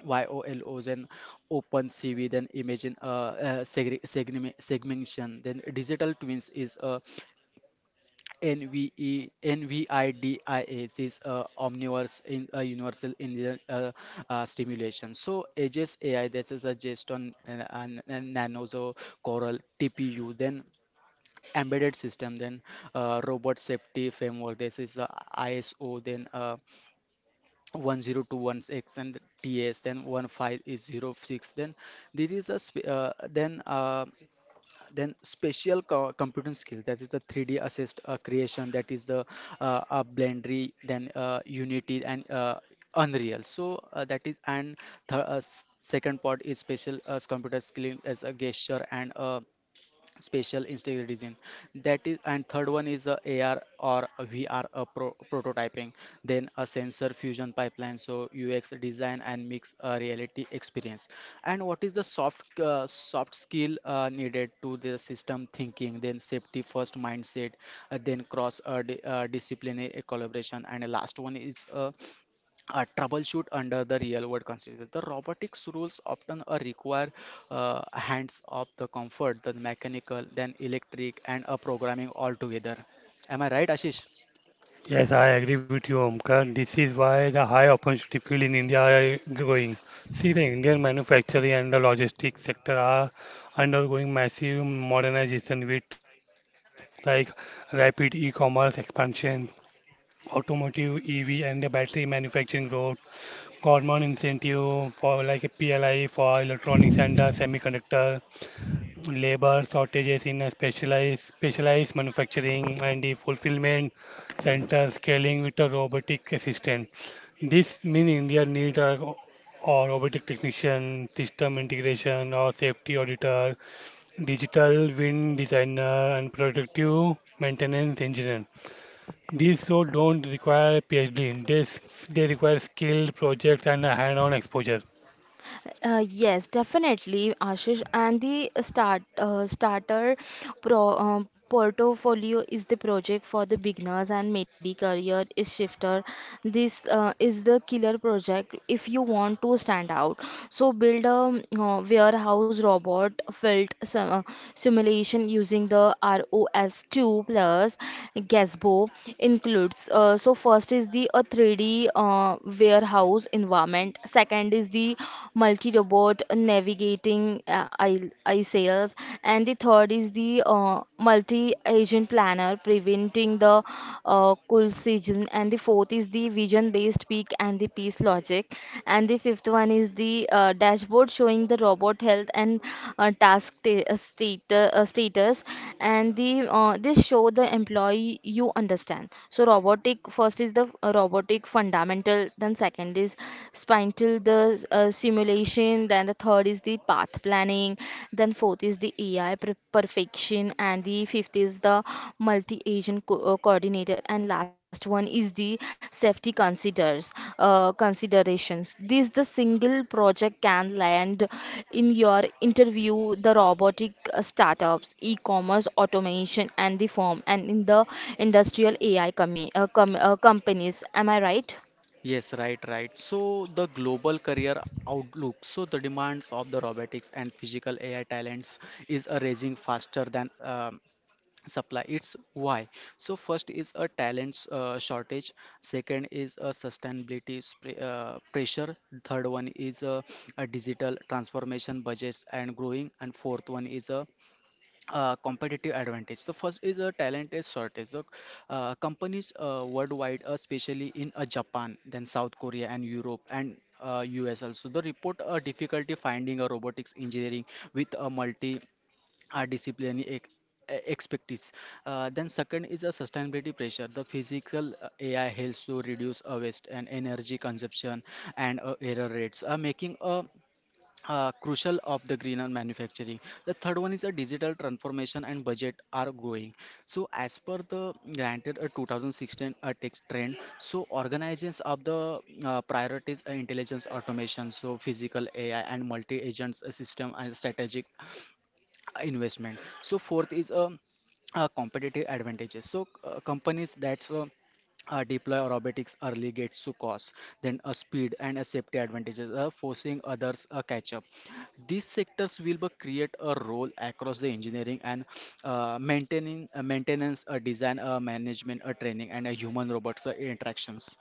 Speaker 2: YOLO, then open C V. Then imagine segmentation. Then digital twins is NVIDIA, this omniverse in universal Indian stimulation. So Aegis AI, this is a gist on an Nano, so Coral, TPU, then embedded system, then robot safety framework. This is the ISO, then 1021 x and TS, then 15 is 06. Then there is a sp- then spatial co- computing skills, that is the 3d assist creation, that is the blendery, then unity, and unreal, so that is. And second part is spatial computer skill as a gesture and spatial integrated design, that is. And third one is a ar or a vr a prototyping, then a sensor fusion pipeline, so ux design and mix reality experience. And what is the soft skill needed to the system thinking, then safety first mindset, then cross disciplinary collaboration, and the last one is troubleshoot under the real world constraints. The robotics rules often require hands of the comfort, the mechanical, then electric, and a programming altogether. Am I right, Ashish?
Speaker 3: Yes, I agree with you, Omkar. This is why the high opportunity field in India are growing. See, the Indian manufacturing and the logistics sector are undergoing massive modernization with like rapid e-commerce expansion, automotive EV and the battery manufacturing growth, government incentive for like a PLI for electronics and the semiconductor labor shortages in a specialized manufacturing and the fulfillment center scaling with a robotic assistant. This means India needs a or robotic technician, system integration or safety auditor, digital wind designer and productive maintenance engineer. These so don't require PhD. They require skilled projects and a hands-on exposure.
Speaker 1: Yes, definitely, Ashish. And the starter pro portfolio is the project for the beginners and midi career is shifter. This is the killer project if you want to stand out. So build a warehouse robot filled simulation using the ROS2 plus Gazebo includes. So first is the a 3D warehouse environment. Second is the multi-robot navigating I sails, and the third is the multi-agent planner preventing the collision, and the fourth is the vision-based peak and the peace logic, and the fifth one is the dashboard showing the robot health and task status, and the this show the employee you understand. So robotic first is the robotic fundamental, then second is spinal the simulation, then the third is the path planning, then fourth is the AI perfection, and the fifth is the multi agent coordinator, and last one is the safety considers considerations. This the single project can land in your interview the robotic startups, e-commerce automation, and the firm, and in the industrial AI companies. Am I right?
Speaker 2: Yes, right, right. So the global career outlook, so the demands of the robotics and physical AI talents is rising faster than supply. Its why, so first is a talents shortage, second is a sustainability pressure, third one is a digital transformation budgets and growing, and fourth one is a competitive advantage. So first is a talent is shortage, so companies worldwide, especially in Japan, then South Korea and Europe and US also the report a difficulty finding a robotics engineering with a multi are discipline expects. Then second is a sustainability pressure. The physical AI helps to reduce waste and energy consumption and error rates, making a crucial of the greener manufacturing. The third one is a digital transformation and budget are growing. So as per the granted a 2016 tech trend, so organizations of the priorities intelligence automation, so physical AI and multi-agents system and strategic investment. So fourth is a competitive advantages, so companies that's deploy robotics early gets to cost, then a speed and a safety advantages, forcing others catch up. These sectors will be create a role across the engineering and maintaining maintenance, design, management, training, and human robots interactions.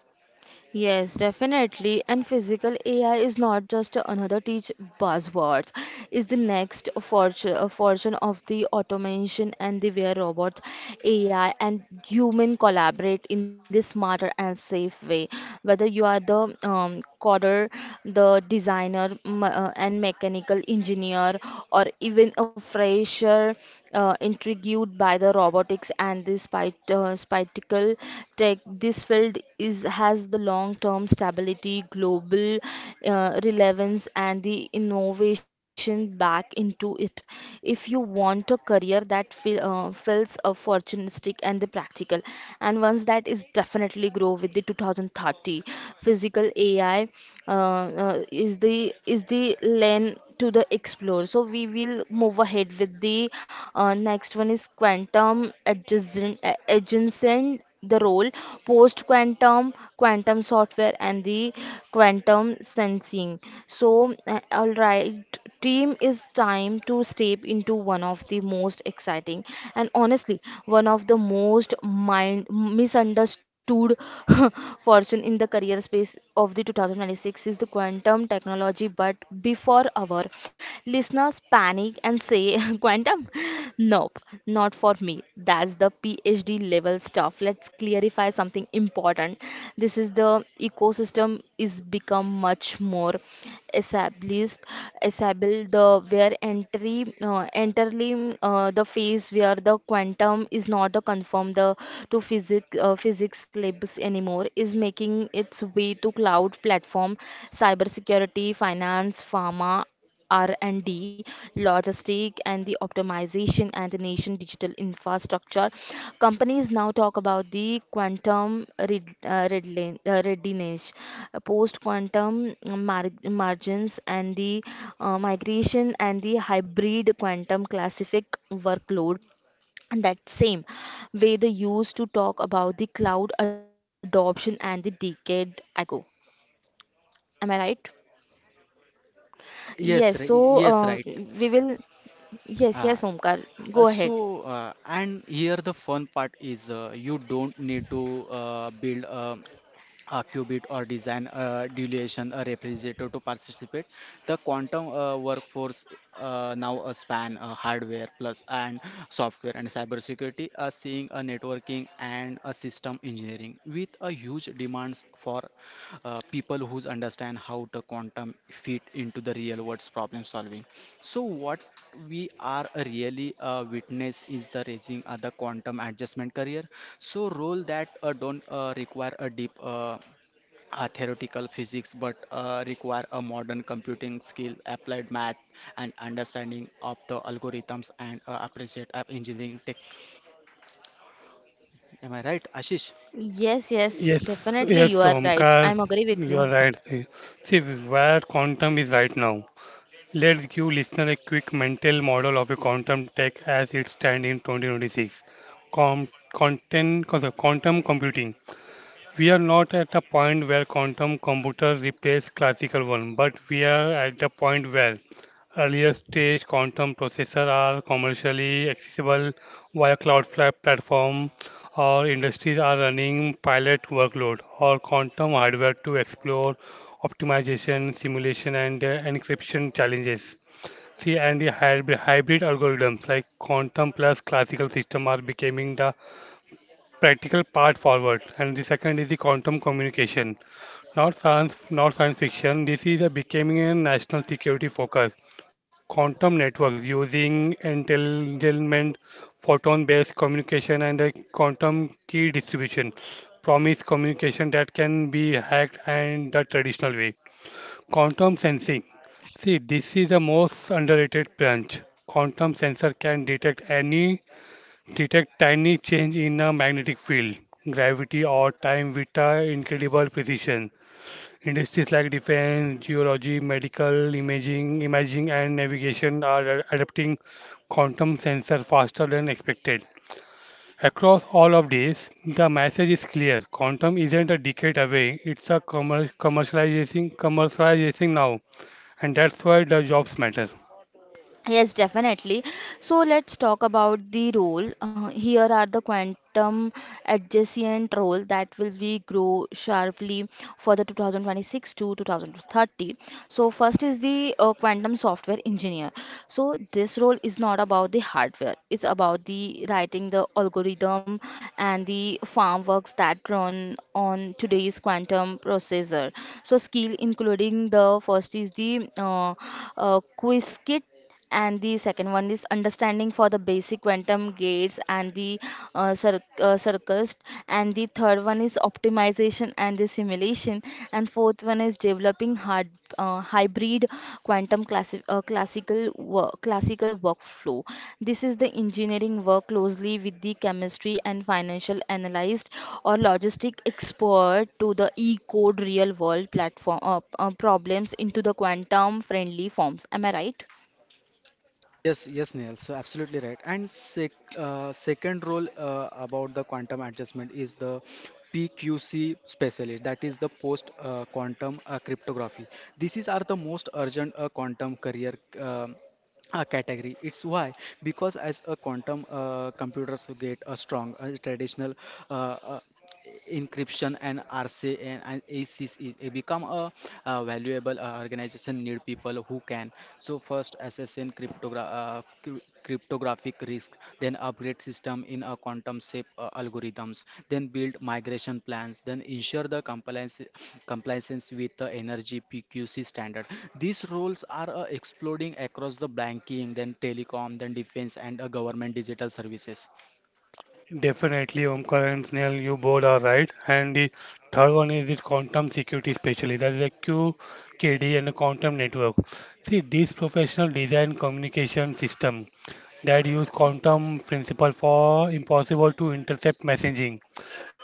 Speaker 1: Yes, definitely. And physical AI is not just another teach buzzwords. It's the next fortune of the automation, and the where robots, AI, and human collaborate in the smarter and safe way. Whether you are the coder, the designer, and mechanical engineer, or even a fresher intrigued by the robotics and the spectacle tech. This field is has the long-term stability, global relevance, and the innovation back into it. If you want a career that fills a opportunistic and the practical. And once that is definitely grow with the 2030 physical AI uh, uh, is the is the lane to the explore. So we will move ahead with the next one is quantum adjacent the role, post quantum, quantum software, and the quantum sensing. So all right team, is time to step into one of the most exciting and honestly one of the most mind misunderstood fortune in the career space of the 2026 is the quantum technology. But before our listeners panic and say quantum, no, nope, not for me. That's the PhD level stuff. Let's clarify something important. This is the ecosystem is become much more established, established the where entry enterly the phase where the quantum is not a confirmed the to physics labs anymore, is making its way to cloud platform, cybersecurity, finance, pharma, R&D, logistic and the optimization and the nation digital infrastructure. Companies now talk about the quantum readiness, post-quantum margins and the migration and the hybrid quantum classic workload. And that same way they used to talk about the cloud adoption and the decade ago. Am I right? Yes, so
Speaker 2: Yes, right.
Speaker 1: we will. Yes, yes,
Speaker 2: Ah.
Speaker 1: Omkar, go
Speaker 2: Uh,
Speaker 1: ahead.
Speaker 2: so, uh, and here the fun part is you don't need to a qubit or design a deviation a representative to participate. The quantum workforce now span hardware plus and software and cybersecurity are seeing a networking and a system engineering with a huge demands for people who understand how the quantum fit into the real world's problem solving. So, what we are really a witness is the raising the quantum adjustment career, so role that don't require a deep theoretical physics but require a modern computing skill applied math and understanding of the algorithms and appreciate of engineering tech. Am I right, Ashish?
Speaker 1: Yes, yes,
Speaker 3: Yes,
Speaker 1: definitely you
Speaker 3: yes,
Speaker 1: are right.
Speaker 3: Omkar,
Speaker 1: I'm agree with
Speaker 3: you
Speaker 1: you.
Speaker 3: are right. See, see where quantum is right now. Let's give listener a quick mental model of a quantum tech as it stands in 2026. Com content, cause of quantum computing, we are not at a point where quantum computers replace classical one, but we are at the point where earlier stage quantum processors are commercially accessible via Cloudflare platform, or industries are running pilot workload or quantum hardware to explore optimization, simulation, and encryption challenges. See, and the hybrid algorithms like quantum plus classical system are becoming the practical part forward, and the second is the quantum communication, not science fiction. This is a becoming a national security focus. Quantum networks using entanglement photon based communication and a quantum key distribution promise communication that can be hacked and the traditional way. Quantum sensing. See, this is the most underrated branch. Quantum sensor can detect tiny change in a magnetic field, gravity or time with a incredible precision. Industries like defense, geology, medical, imaging and navigation are adopting quantum sensor faster than expected. Across all of this, the message is clear. Quantum isn't a decade away. It's a commercializing now. And that's why the jobs matter.
Speaker 1: Yes, definitely. So let's talk about the role. Here are the quantum adjacent role that will be grow sharply for the 2026 to 2030. So first is the quantum software engineer. So this role is not about the hardware. It's about the writing the algorithm and the farm works that run on today's quantum processor. So skill including the first is the Quiskit, and the second one is understanding for the basic quantum gates and the circus, and the third one is optimization and the simulation, and fourth one is developing hybrid quantum classical workflow. This is the engineering work closely with the chemistry and financial analyst or logistic expert to the e-code real world platform problems into the quantum friendly forms. Am I right?
Speaker 2: Yes, yes, Neil. So absolutely right. And second role about the quantum adjustment is the PQC specialist. That is the post quantum cryptography. This is are the most urgent quantum career um category. It's why: because as a quantum computers get a strong traditional uh, uh, encryption and RC and ACs it become a valuable, organization need people who can, so first assassin cryptographic risk, then upgrade system in a quantum safe algorithms, then build migration plans, then ensure the compliance with the energy pqc standard. These roles are exploding across the banking, then telecom, then defense, and government digital services.
Speaker 3: Definitely, Omkar and Snehal, you both are right. And the third one is the quantum security specialist, that is a QKD and a quantum network. See, this professional design communication system that use quantum principle for impossible to intercept messaging.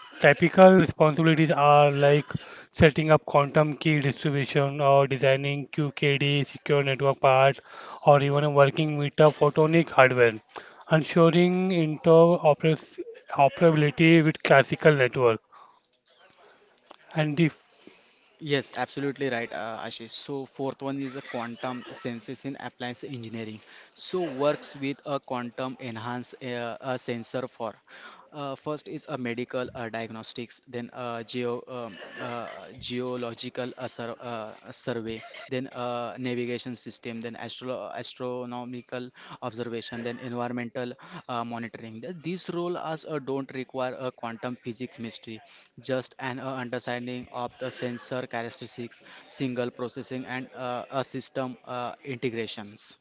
Speaker 3: Typical responsibilities are like setting up quantum key distribution or designing QKD secure network part or even working with the photonic hardware, ensuring interoperability with classical network. And if
Speaker 2: Yes, absolutely right, Ashish. So fourth one is a quantum sensors in appliance engineering. So works with a quantum enhanced sensor for. First is a medical diagnostics, then a geological survey, then a navigation system, then astronomical observation, then environmental monitoring. These roles as don't require a quantum physics mystery, just an understanding of the sensor characteristics, single processing, and a system integrations.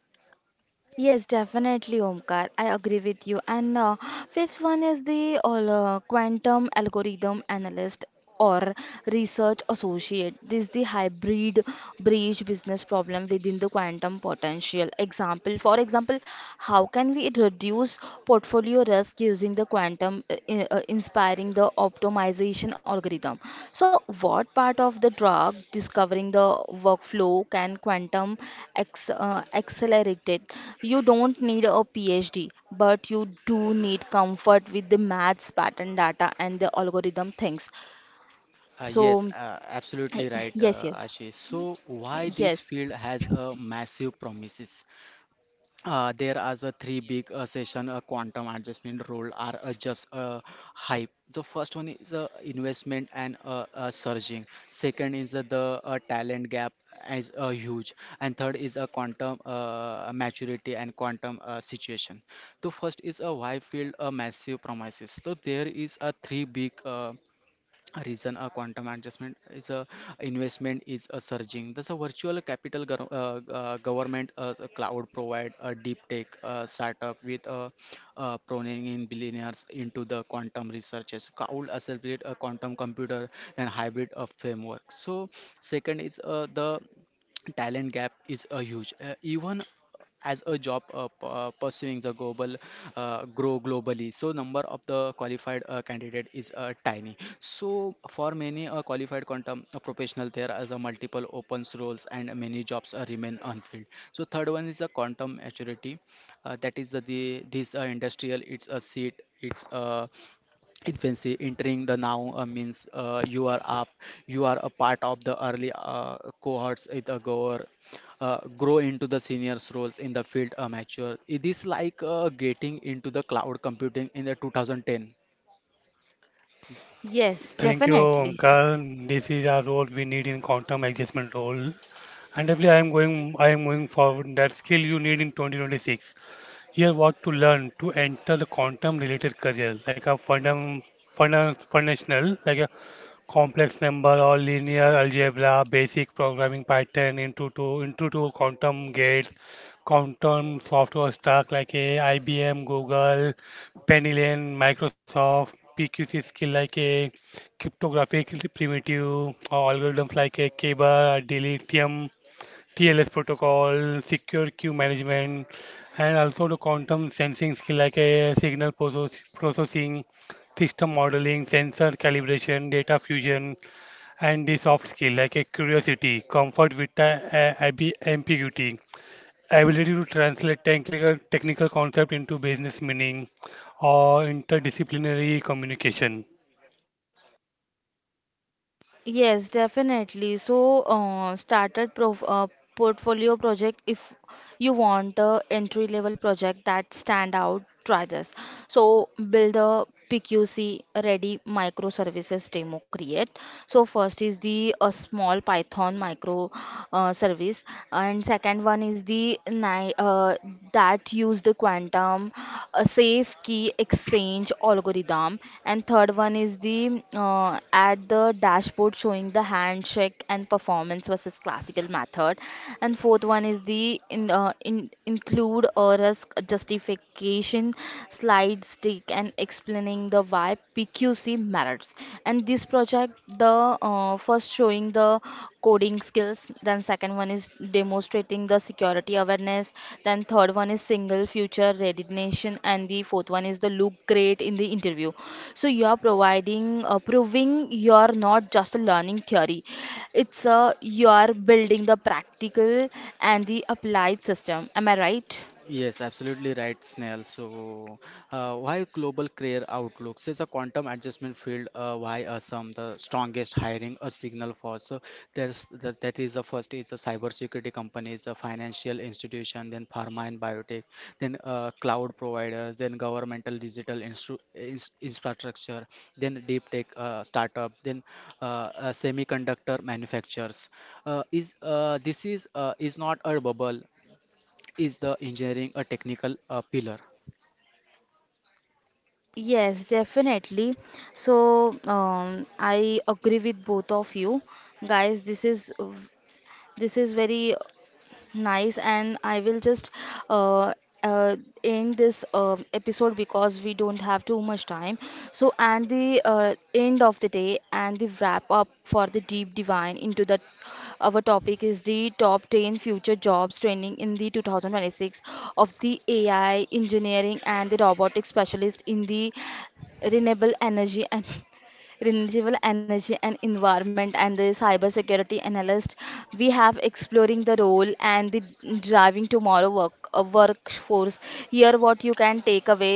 Speaker 1: Yes, definitely, Omkar. I agree with you. And fifth one is the quantum algorithm analyst or research associate. This is the hybrid breach business problem within the quantum potential. For example, how can we reduce portfolio risk using the quantum inspiring the optimization algorithm. So, what part of the drug discovering the workflow can quantum accelerate it? You don't need a PhD, but you do need comfort with the maths, pattern data, and the algorithm things.
Speaker 2: Yes,
Speaker 1: So, I-
Speaker 2: absolutely right,
Speaker 1: yes, yes,
Speaker 2: Ashish. So, why this
Speaker 1: yes,
Speaker 2: field has a massive promises? There are the three big session quantum adjustment rule are just hype. The first one is investment and surging. Second is the talent gap as huge, and third is a quantum maturity and quantum situation. So first is a why field a massive promises. So there is a three big reason a quantum adjustment is a investment is a surging. Thus, a virtual capital government as a cloud provide a deep tech startup with a proning in billionaires into the quantum researches. Cloud accelerate a quantum computer and hybrid of framework. So, second is the talent gap is a huge. Even as a job pursuing the global grow globally, so number of the qualified candidate is tiny. So for many qualified quantum professional there as a multiple opens roles and many jobs remain unfilled. So third one is a quantum maturity, that is the this industrial it's a seat it's a infancy entering the noun, means you are up you are a part of the early cohorts it grow into the seniors roles in the field mature. It is like getting into the cloud computing in the 2010.
Speaker 1: yes,
Speaker 3: thank you,
Speaker 1: definitely.
Speaker 3: Omkar, this is our role we need in quantum adjustment role. And definitely, I am going forward that skill you need in 2026. Here, what to learn to enter the quantum related career, like a foundational, like a complex number or linear algebra, basic programming pattern, into to quantum gates, quantum software stack like a IBM, Google, Penguin, Microsoft, PQC skill like a cryptographic primitive or algorithms like a cable, dilithium TLS protocol, secure queue management, and also the quantum sensing skill like a signal processing, system modeling, sensor calibration, data fusion, and the soft skill like a curiosity, comfort with the ambiguity, ability to translate technical concept into business meaning, or interdisciplinary communication.
Speaker 1: Yes, definitely. So, started prof portfolio project, if you want a entry level project that stand out, try this. So, build a PQC ready microservices demo create. So, first is the a small Python micro service, and second one is the ni that use the quantum a safe key exchange algorithm, and third one is the at the dashboard showing the handshake and performance versus classical method, and fourth one is the in include a risk justification slide stick and explaining the why PQC matters. And this project, the first showing the coding skills, then second one is demonstrating the security awareness, then third one is single future readiness, and the fourth one is the look great in the interview. So you are providing proving you are not just learning theory, it's you are building the practical and the applied system. Am I right?
Speaker 2: Yes, absolutely right, Snail. So, why global career outlooks is a quantum adjustment field. Why are some the strongest hiring a signal for? So, there's that is the first is the cybersecurity companies, the financial institution, then pharma and biotech, then cloud providers, then governmental digital infrastructure, then deep tech startup, then uh, semiconductor manufacturers. Is This is not a bubble, is the engineering a technical pillar?
Speaker 1: Yes, definitely. So, I agree with both of you guys. This is this is very nice, and I will just uh, uh, end this episode because we don't have too much time. So, and the end of the day and the wrap up for the deep divine into the our topic is the top 10 future jobs trending in the 2026 of the AI engineering and the robotic specialist in the renewable energy and renewable energy and environment and the cyber security analyst. We have exploring the role and the driving tomorrow workforce. Here what you can take away,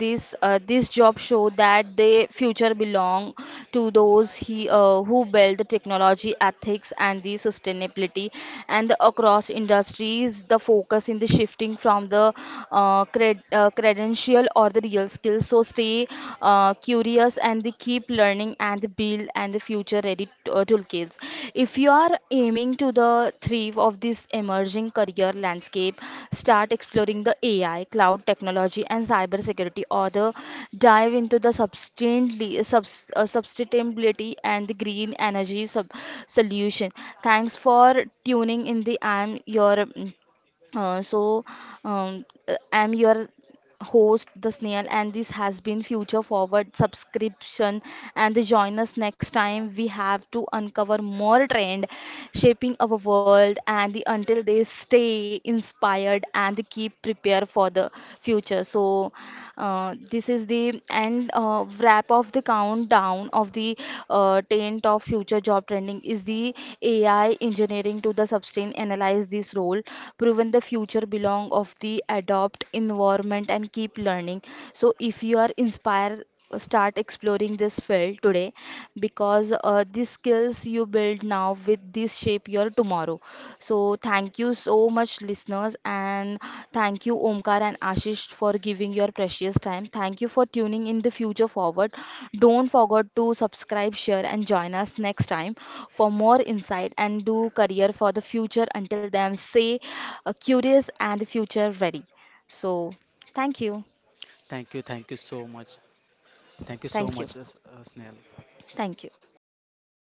Speaker 1: this this job show that the future belong to those who build the technology ethics and the sustainability, and the across industries the focus in the shifting from the credential crucial or the real skill. So stay curious and the keep learning and build and the future ready toolkits. If you are aiming to the thrive of this emerging career landscape, start exploring the AI, cloud technology, and cybersecurity, or the dive into the sustainability and the green energy sub solution. Thanks for tuning in. The I'm your uh, so, I'm your host, the snail, and this has been Future Forward subscription. And join us next time. We have to uncover more trend shaping our world. And the, until they stay inspired and keep prepared for the future. So, this is the end wrap of the countdown of the 10 top future job trending is the AI engineering to the sustain analyze this role, proven the future belong of the adopt environment and keep learning. So if you are inspired, start exploring this field today, because these skills you build now with this shape your tomorrow. So, thank you so much, listeners, and thank you, Omkar and Ashish, for giving your precious time. Thank you for tuning in the future forward. Don't forget to subscribe, share, and join us next time for more insight and do career for the future. Until then, stay curious and the future ready. So, thank you,
Speaker 2: Thank you so much. Thank you so
Speaker 1: thank you,
Speaker 2: much, Snail.
Speaker 1: thank you.